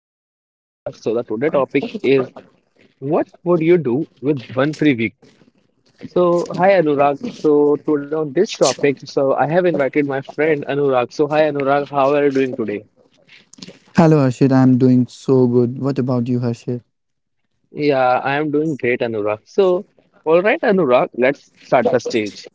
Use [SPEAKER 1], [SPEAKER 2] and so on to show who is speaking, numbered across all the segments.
[SPEAKER 1] back to the today podcast. So the today topic is what would you do with one free week? So hi Anurag. So today on this topic, so I have invited my friend Anurag. So hi Anurag, how are you doing today?
[SPEAKER 2] Hello Harshit, I'm doing so good. What about you, Harshit?
[SPEAKER 1] Yeah, I am doing great, Anurag. So all right, Anurag, let's start the stage.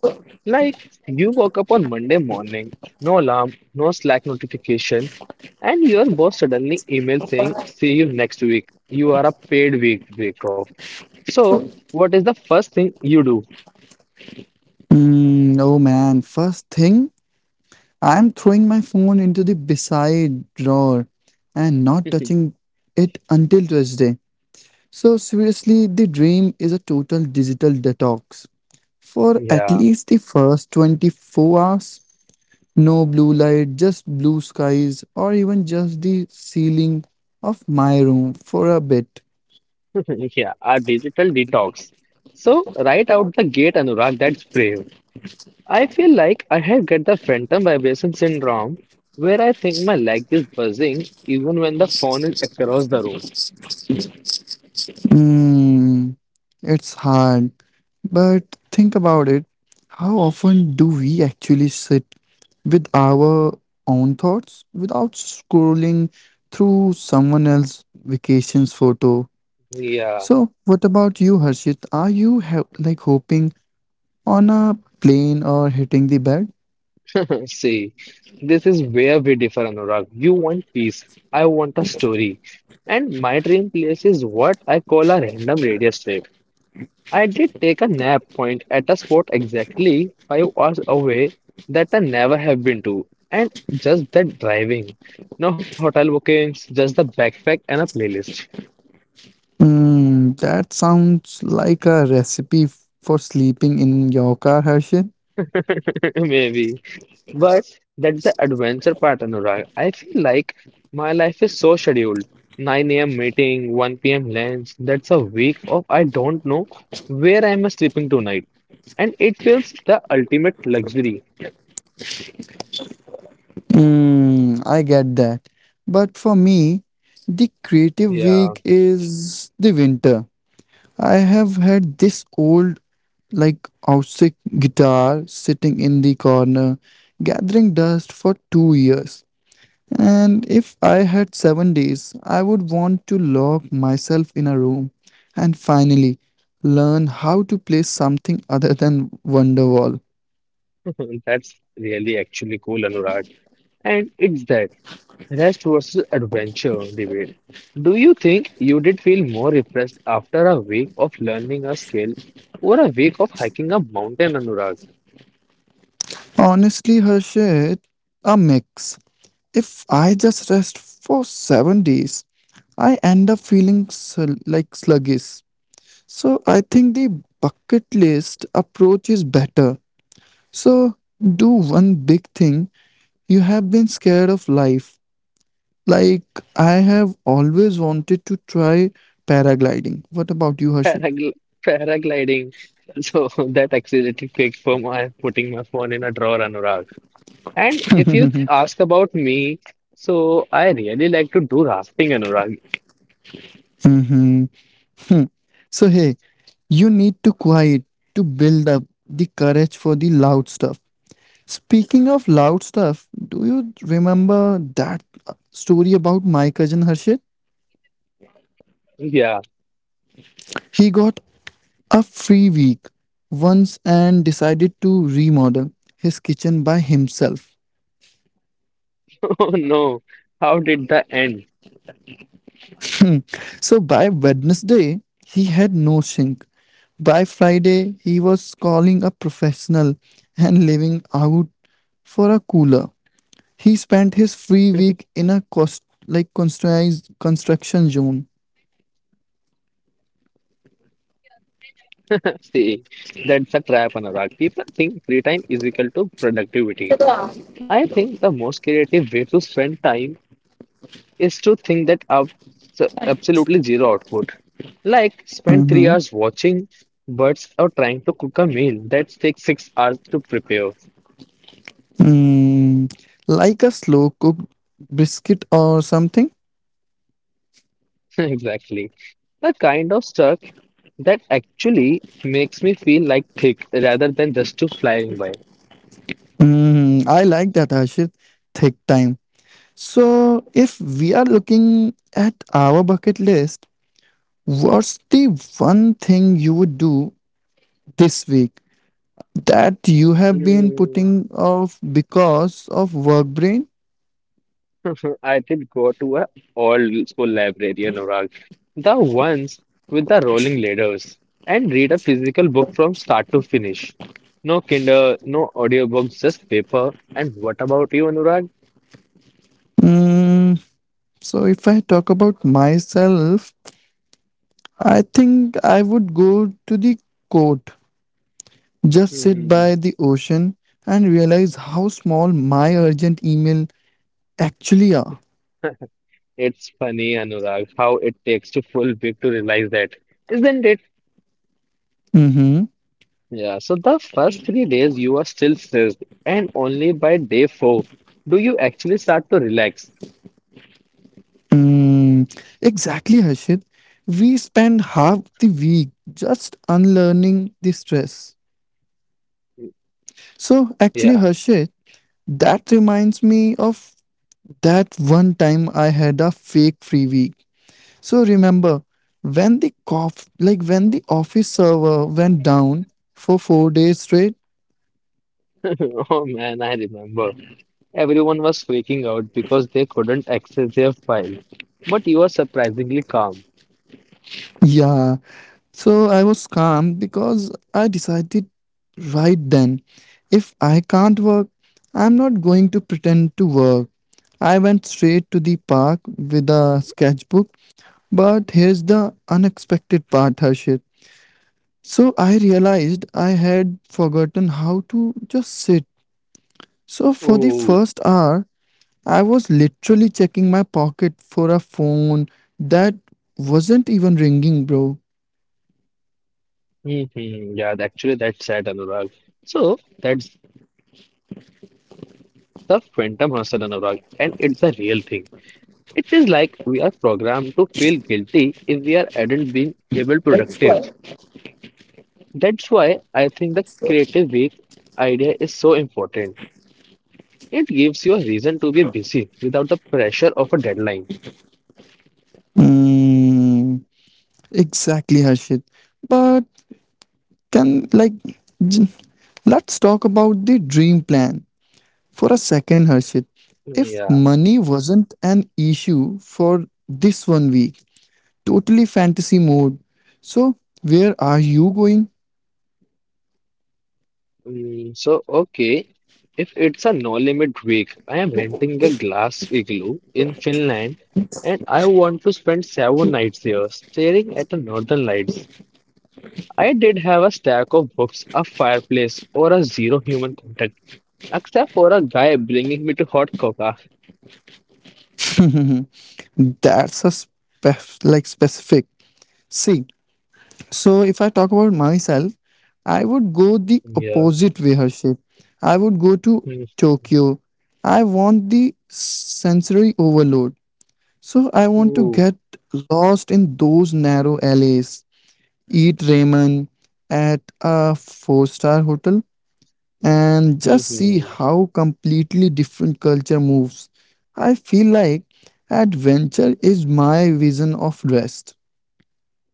[SPEAKER 1] Like you woke up on Monday morning, no alarm, no Slack notification, and your boss suddenly emails saying, "See you next week." You are a paid week off. So, what is the first thing you do?
[SPEAKER 2] Oh man, first thing, I'm throwing my phone into the beside drawer and not touching it until Tuesday. So seriously, the dream is a total digital detox. For at
[SPEAKER 1] Yeah,
[SPEAKER 2] least the first 24 hours, no blue light, just blue skies, or even just the ceiling of my room for a bit.
[SPEAKER 1] yeah, a digital detox. So, right out the gate, Anurag, that's brave. I feel like I have got the phantom vibration syndrome where I think my leg is buzzing even when the phone is across the room.
[SPEAKER 2] Hmm, it's hard. But think about it. How often do we actually sit with our own thoughts without scrolling through someone else's vacation's photo?
[SPEAKER 1] Yeah,
[SPEAKER 2] So, what about you, Harshit? Are you like hoping on a plane or hitting the bed?
[SPEAKER 1] see, this is where we differ, Anurag. You want peace, I want a story. And my dream place is what I call a random radio strip. I did take a nap point at a spot exactly 5 hours away that I never have been to, and just that driving. No hotel bookings, just the backpack and a playlist.
[SPEAKER 2] Hmm, that sounds like a recipe for sleeping in your car, Harshit.
[SPEAKER 1] Maybe. But that's the adventure part, Anurag. I feel like my life is so scheduled. 9 a.m. meeting, 1 p.m. lunch. That's a week of I don't know where I'm sleeping tonight. And it feels the ultimate luxury.
[SPEAKER 2] I get that. But for me, the creative week
[SPEAKER 1] Yeah.
[SPEAKER 2] is the winter. I have had this old, like, acoustic guitar sitting in the corner, gathering dust for 2 years. And if I had 7 days, I would want to lock myself in a room and finally learn how to play something other than Wonderwall.
[SPEAKER 1] That's really actually cool, Anurag. And it's that rest versus adventure debate. Do you think you did feel more refreshed after a week of learning a skill or a week of hiking a mountain, Anurag?
[SPEAKER 2] Honestly, Harshit, a mix. If I just rest for 7 days, I end up feeling like sluggish. So I think the bucket list approach is better. So do one big thing you have been scared of life. Like I have always wanted to try paragliding. What about you, Harshit?
[SPEAKER 1] Paragl paragliding. So that accelerated quick for my putting my phone in a drawer, Anurag. And if you ask about me, so I really like to do rafting, Anurag.
[SPEAKER 2] Mm, So hey, you need to quiet to build up the courage for the loud stuff. Speaking of loud stuff, do you remember that story about my cousin Harshit?
[SPEAKER 1] Yeah.
[SPEAKER 2] He got a free week once and decided to remodel his kitchen by himself.
[SPEAKER 1] Oh no. How did the end?
[SPEAKER 2] So by Wednesday, he had no sink. By Friday, he was calling a professional and living out for a cooler. He spent his free week in a cost like constructed construction zone.
[SPEAKER 1] See, that's a trap, Anurag. People think free time is equal to productivity. I think the most creative way to spend time is to think that absolutely zero output. Like spend 3 hours watching
[SPEAKER 2] Mhm.
[SPEAKER 1] birds or trying to cook a meal that takes 6 hours to prepare.
[SPEAKER 2] Mm, like a slow cooked brisket or something.
[SPEAKER 1] Exactly. The kind of stuff that actually makes me feel like thick rather than just to flying by.
[SPEAKER 2] I like that, Ashit. Thick time. So, if we are looking at our bucket list, what's the one thing you would do this week that you have been
[SPEAKER 1] Hmm.
[SPEAKER 2] putting off because of work brain?
[SPEAKER 1] I did go to a old school library in Orag, the ones with the rolling ladders, and read a physical book from start to finish. No Kindle, no audiobooks, just paper. And what about you, Anurag?
[SPEAKER 2] Mm, so, if I talk about myself, I think I would go to the court. Just sit
[SPEAKER 1] Hmm,
[SPEAKER 2] by the ocean and realize how small my urgent email actually are.
[SPEAKER 1] it's funny, Anurag, how it takes to full big to realize that, isn't it?
[SPEAKER 2] Mm-hmm.
[SPEAKER 1] Yeah, so the first 3 days you are still stressed, and only by day 4 do you actually start to relax.
[SPEAKER 2] Exactly, Harshit. We spend half the week just unlearning the stress. So, actually,
[SPEAKER 1] Yeah,
[SPEAKER 2] Harshit, that reminds me of that one time I had a fake free week. So, remember when the cough, like when the office server went down for 4 days straight.
[SPEAKER 1] oh man, I remember. Everyone was freaking out because they couldn't access their files. But you were surprisingly calm.
[SPEAKER 2] Yeah. So I was calm because I decided right then if I can't work, I'm not going to pretend to work. I went straight to the park with a sketchbook, but here's the unexpected part, Harshit. So I realized I had forgotten how to just sit. So for the first
[SPEAKER 1] Oh,
[SPEAKER 2] hour, I was literally checking my pocket for a phone that wasn't even ringing, bro.
[SPEAKER 1] hmm, yeah, actually, that's sad, Anurag. So, that's the phantom hustle, Anurag, and it's the real thing. It is like we are programmed to feel guilty if we are not being able productive. That's why I think the creative week idea is so important. It gives you a reason to be busy without the pressure of a deadline.
[SPEAKER 2] Mm, exactly, Harshit. But can like j- let's talk about the dream plan for a second, Harshit.
[SPEAKER 1] Yeah.
[SPEAKER 2] If money wasn't an issue for this one week, totally fantasy mode. So where are you going?
[SPEAKER 1] Mm, so, okay, if it's a no limit week, I am renting a glass igloo in Finland and I want to spend 7 nights here staring at the northern lights. I did have a stack of books, a fireplace, or a zero human contact, except for a guy bringing me to hot cocoa.
[SPEAKER 2] That's a like specific. See. So if I talk about myself, I would go the
[SPEAKER 1] Yeah.
[SPEAKER 2] opposite way, Harshit. I would go to
[SPEAKER 1] Mhm.
[SPEAKER 2] Tokyo. I want the sensory overload. So I want to
[SPEAKER 1] Ooh.
[SPEAKER 2] get lost in those narrow alleys, eat ramen at a four-star hotel, and just see how completely different culture moves. I feel like adventure is my vision of rest.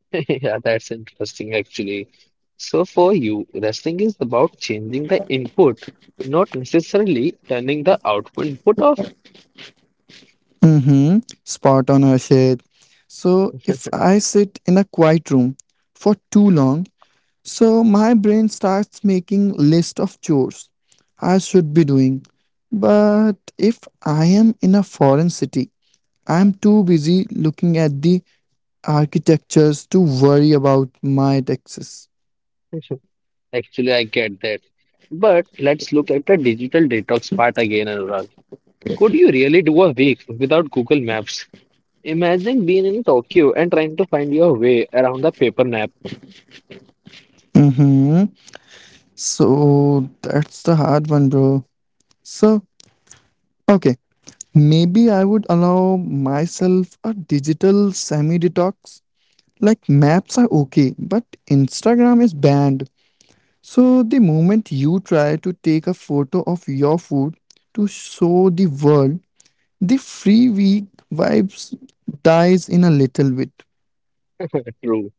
[SPEAKER 1] Yeah, that's interesting actually. So for you, wrestling is about changing the input, not necessarily turning the output input off.
[SPEAKER 2] Mm-hmm. Spot on, Harshit. So, if I sit in a quiet room for too long, so my brain starts making list of chores I should be doing. But if I am in a foreign city, I am too busy looking at the architectures to worry about my taxes.
[SPEAKER 1] Actually, I get that. But let's look at the digital detox part again, Anurag. Could you really do a week without Google Maps? Imagine being in Tokyo and trying to find your way around the paper map.
[SPEAKER 2] Mm-hmm. So that's the hard one, bro. So, okay. Maybe I would allow myself a digital semi detox. Like maps are okay, but Instagram is banned. So the moment you try to take a photo of your food to show the world, the free week vibes dies in a little bit.
[SPEAKER 1] True.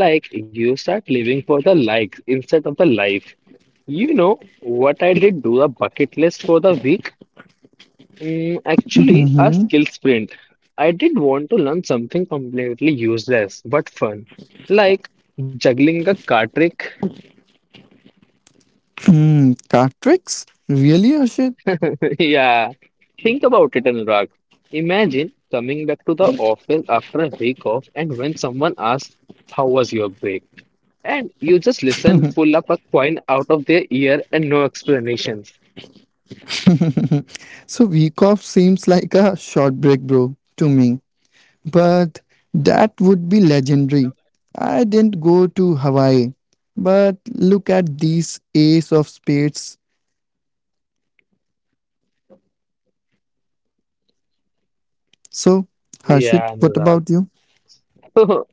[SPEAKER 1] Like you start living for the likes instead of the life. You know what I did do a bucket list for the week? Mm, actually, a
[SPEAKER 2] Mm-hmm.
[SPEAKER 1] skill sprint. I did want to learn something completely useless but fun, like juggling a card trick.
[SPEAKER 2] Hmm, card tricks? Really, Ashit?
[SPEAKER 1] Yeah, think about it, Anurag. Imagine coming back to the office after a week off, and when someone asks, "How was your break?" and you just listen, pull up a coin out of their ear, and no explanations.
[SPEAKER 2] So week off seems like a short break, bro, to me. But that would be legendary. I didn't go to Hawaii. But look at these ace of spades. So,
[SPEAKER 1] Yeah, Anurag.
[SPEAKER 2] Harshit, what about you?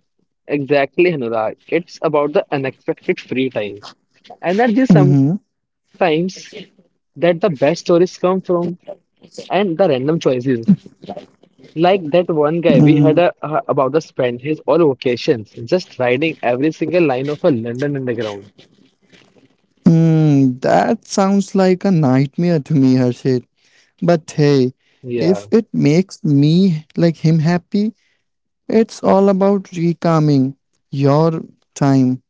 [SPEAKER 1] Exactly, Anurag. It's about the unexpected free time. Energy
[SPEAKER 2] Mhm.
[SPEAKER 1] sometimes that the best stories come from and the random choices. Like that one guy we heard
[SPEAKER 2] Mm,
[SPEAKER 1] about the spend his all vacations just riding every single line of a London Underground.
[SPEAKER 2] mm, that sounds like a nightmare to me, Harshit. But hey,
[SPEAKER 1] Yeah,
[SPEAKER 2] if it makes me like him happy, it's all about recalming your time.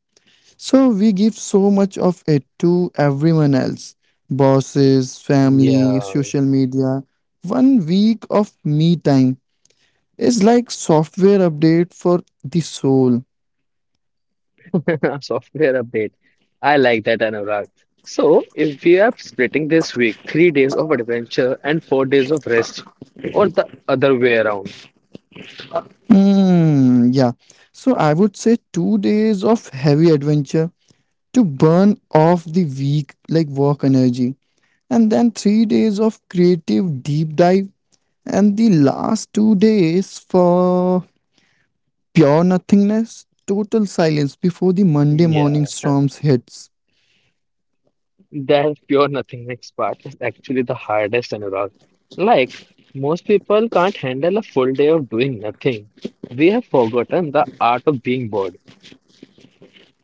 [SPEAKER 2] So we give so much of it to everyone else bosses, family,
[SPEAKER 1] yeah.
[SPEAKER 2] social media. One week of me time is like software update for the soul.
[SPEAKER 1] Software update. I like that, Anurag. So, if we are splitting this week, 3 days of adventure and 4 days of rest, or the other way around.
[SPEAKER 2] Hmm, yeah. So I would say 2 days of heavy adventure to burn off the week like work energy, and then 3 days of creative deep dive, and the last 2 days for pure nothingness, total silence before the Monday
[SPEAKER 1] Yeah.
[SPEAKER 2] morning storms hits.
[SPEAKER 1] That pure nothingness part is actually the hardest, Anurag. Like, most people can't handle a full day of doing nothing. We have forgotten the art of being bored.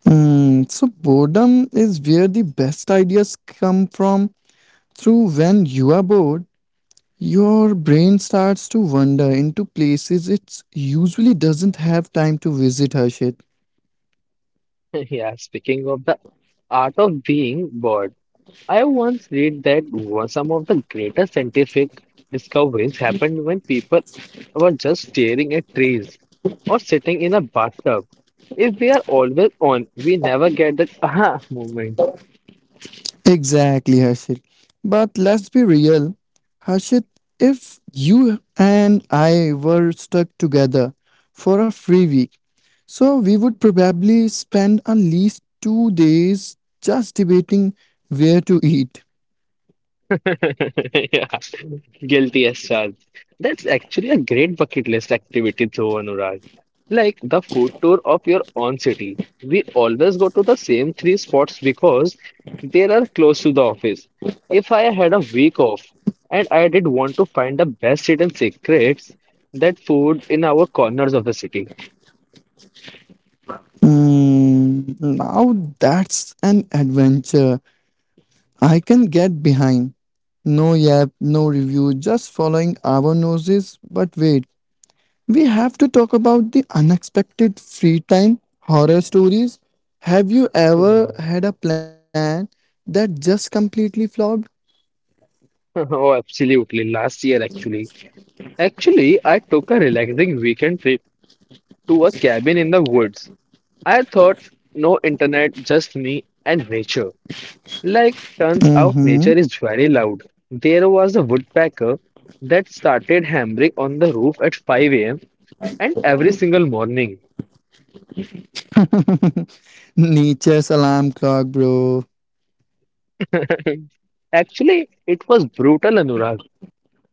[SPEAKER 2] Hmm, so boredom is where the best ideas come from. Through when you are bored, your brain starts to wander into places it usually doesn't have time to visit, Harshit.
[SPEAKER 1] Yeah, speaking of the art of being bored, I once read that one- some of the greatest scientific discoveries happened when people were just staring at trees or sitting in a bathtub. If we are always on, we never get that aha moment.
[SPEAKER 2] Exactly, Harshit. But let's be real, Harshit, if you and I were stuck together for a free week, so we would probably spend at least 2 days just debating where to eat.
[SPEAKER 1] Yeah, guilty as charged. That's actually a great bucket list activity, though, Anurag. Like the food tour of your own city. We always go to the same three spots because they are close to the office. If I had a week off and I did want to find the best hidden secrets, that food in our corners of the city.
[SPEAKER 2] Hmm, now that's an adventure I can get behind. No yap, no review, just following our noses. But wait, we have to talk about the unexpected free time horror stories. Have you ever
[SPEAKER 1] Yeah.
[SPEAKER 2] had a plan that just completely flopped?
[SPEAKER 1] Oh, absolutely. Last year, actually. Actually, I took a relaxing weekend trip to a cabin in the woods. I thought no internet, just me and nature. Like, turns out
[SPEAKER 2] Mm-hmm.
[SPEAKER 1] nature is very loud. There was a woodpecker that started hammering on the roof at 5 a.m. and every single morning.
[SPEAKER 2] Nature's alarm clock, bro.
[SPEAKER 1] Actually, it was brutal, Anurag.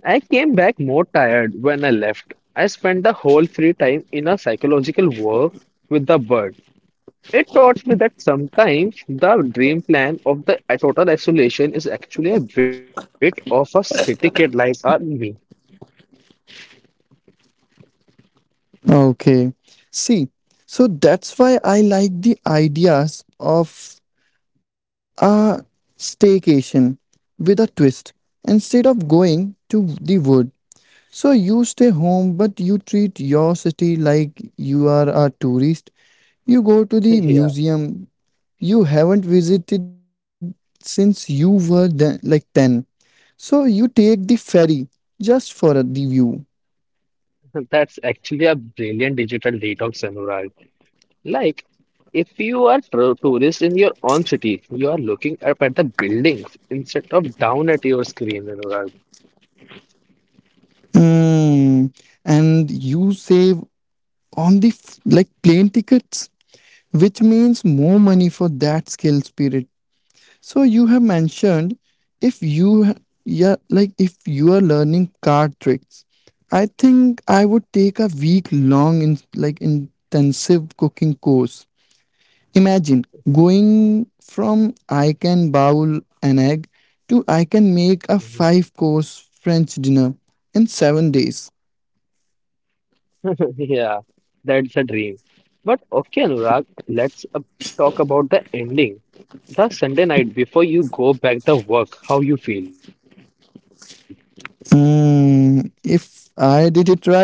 [SPEAKER 1] I came back more tired when I left. I spent the whole free time in a psychological war with the bird. It taught me that sometimes the dream plan of the total isolation is actually a bit of a city kid like me.
[SPEAKER 2] Okay. See, so that's why I like the ideas of a staycation with a twist instead of going to the wood. So you stay home, but you treat your city like you are a tourist. You go to the
[SPEAKER 1] Yeah,
[SPEAKER 2] museum you haven't visited since you were then, like 10. So you take the ferry just for the view.
[SPEAKER 1] that's actually a brilliant digital detox, Anurag. Like, if you are a tourist in your own city, you are looking up at the buildings instead of down at your screen, Anurag.
[SPEAKER 2] Mm, And you save on the like plane tickets, which means more money for that skill period. So you have mentioned if you yeah like if you are learning card tricks, I think I would take a week long in like intensive cooking course. Imagine going from I can bowl an egg to I can make a five course French dinner in 7 days.
[SPEAKER 1] Yeah, that's a dream. But okay, Anurag, let's talk about the ending. The Sunday night before you go back to work, how you feel?
[SPEAKER 2] If I did it right,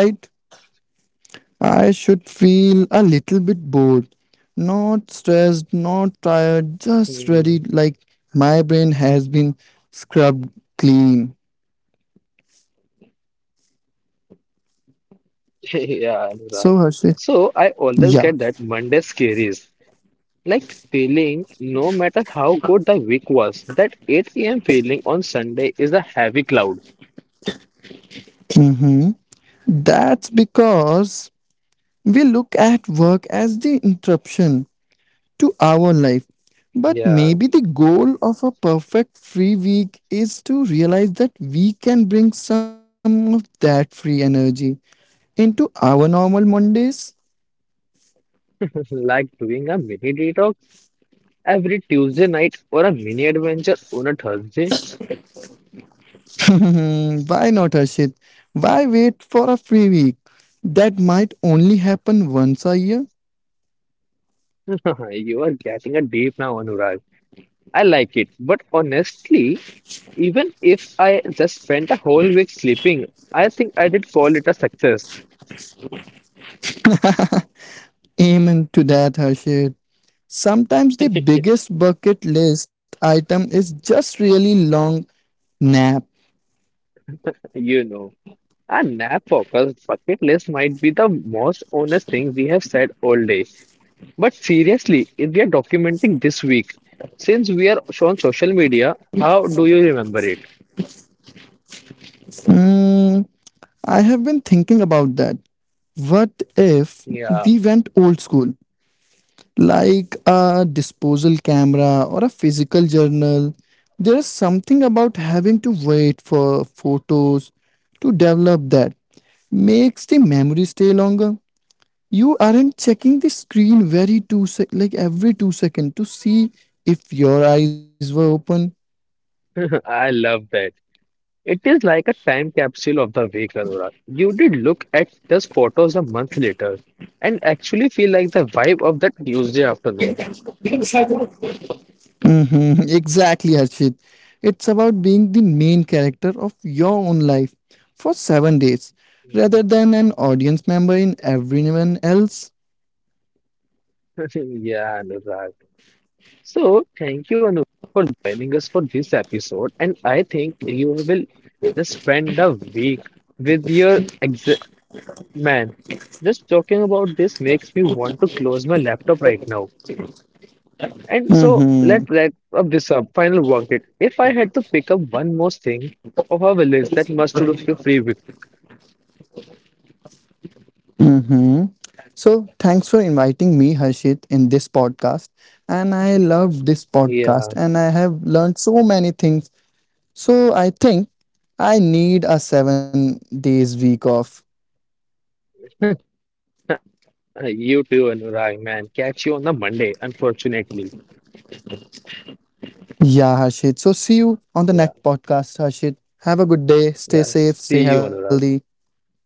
[SPEAKER 2] I should feel a little bit bored, not stressed, not
[SPEAKER 1] Hmm.
[SPEAKER 2] tired, just ready, like my brain has been scrubbed clean.
[SPEAKER 1] Yeah, Anurag.
[SPEAKER 2] So, Harshit,
[SPEAKER 1] So I always get
[SPEAKER 2] yeah,
[SPEAKER 1] that Monday scaries, like feeling no matter how good the week was, that 8 p.m. feeling on Sunday is a heavy cloud.
[SPEAKER 2] hmm, that's because we look at work as the interruption to our life. But maybe the
[SPEAKER 1] Yeah,
[SPEAKER 2] goal of a perfect free week is to realize that we can bring some of that free energy into our normal Mondays.
[SPEAKER 1] like doing a mini detox every Tuesday night or a mini adventure on a Thursday.
[SPEAKER 2] Mhm. Why not, Harshit? Why wait for a free week? That might only happen once a year.
[SPEAKER 1] You are getting a deep now, Anurag. I like it, but honestly, even if I just spent a whole week sleeping, I think I did call it a success,
[SPEAKER 2] Amen to that, Harshit. Sometimes the biggest bucket list item is just really long nap.
[SPEAKER 1] you know. A nap focused bucket list might be the most honest thing we have said all day. But seriously, if we are documenting this week, since we are on social media, how do you remember it?
[SPEAKER 2] Hmm, I have been thinking about that. What if we
[SPEAKER 1] Yeah,
[SPEAKER 2] went old school? Like a disposal camera or a physical journal. There is something about having to wait for photos to develop that makes the memory stay longer. You aren't checking the screen very two sec like every 2 seconds to see if your eyes were open.
[SPEAKER 1] I love that. It is like a time capsule of the week, Anurag. You did look at those photos a month later and actually feel like the vibe of that Tuesday afternoon.
[SPEAKER 2] Hmm. Exactly, Harshit. It's about being the main character of your own life for 7 days rather than an audience member in everyone else.
[SPEAKER 1] Yeah, Anurag. So, thank you, Anu, for joining us for this episode. And I think you will just spend a week with your exam. Man, just talking about this makes me want to close my laptop right now. And so,
[SPEAKER 2] Mm-hmm.
[SPEAKER 1] let's wrap up this up. Final work. If I had to pick up one more thing of our village that must do for free week.
[SPEAKER 2] Mm-hmm. So, thanks for inviting me, Harshit, in this podcast. And I love this podcast and I have learned so
[SPEAKER 1] Yeah,
[SPEAKER 2] many things. So, I think I need a 7 days week off.
[SPEAKER 1] you too, Anurag, man. Catch you on the Monday, unfortunately.
[SPEAKER 2] Yeah, Harshit. So see you on the next podcast, Harshit.
[SPEAKER 1] Yeah,
[SPEAKER 2] Have a good day. Stay safe. Stay healthy.
[SPEAKER 1] yes, see you, Anurag.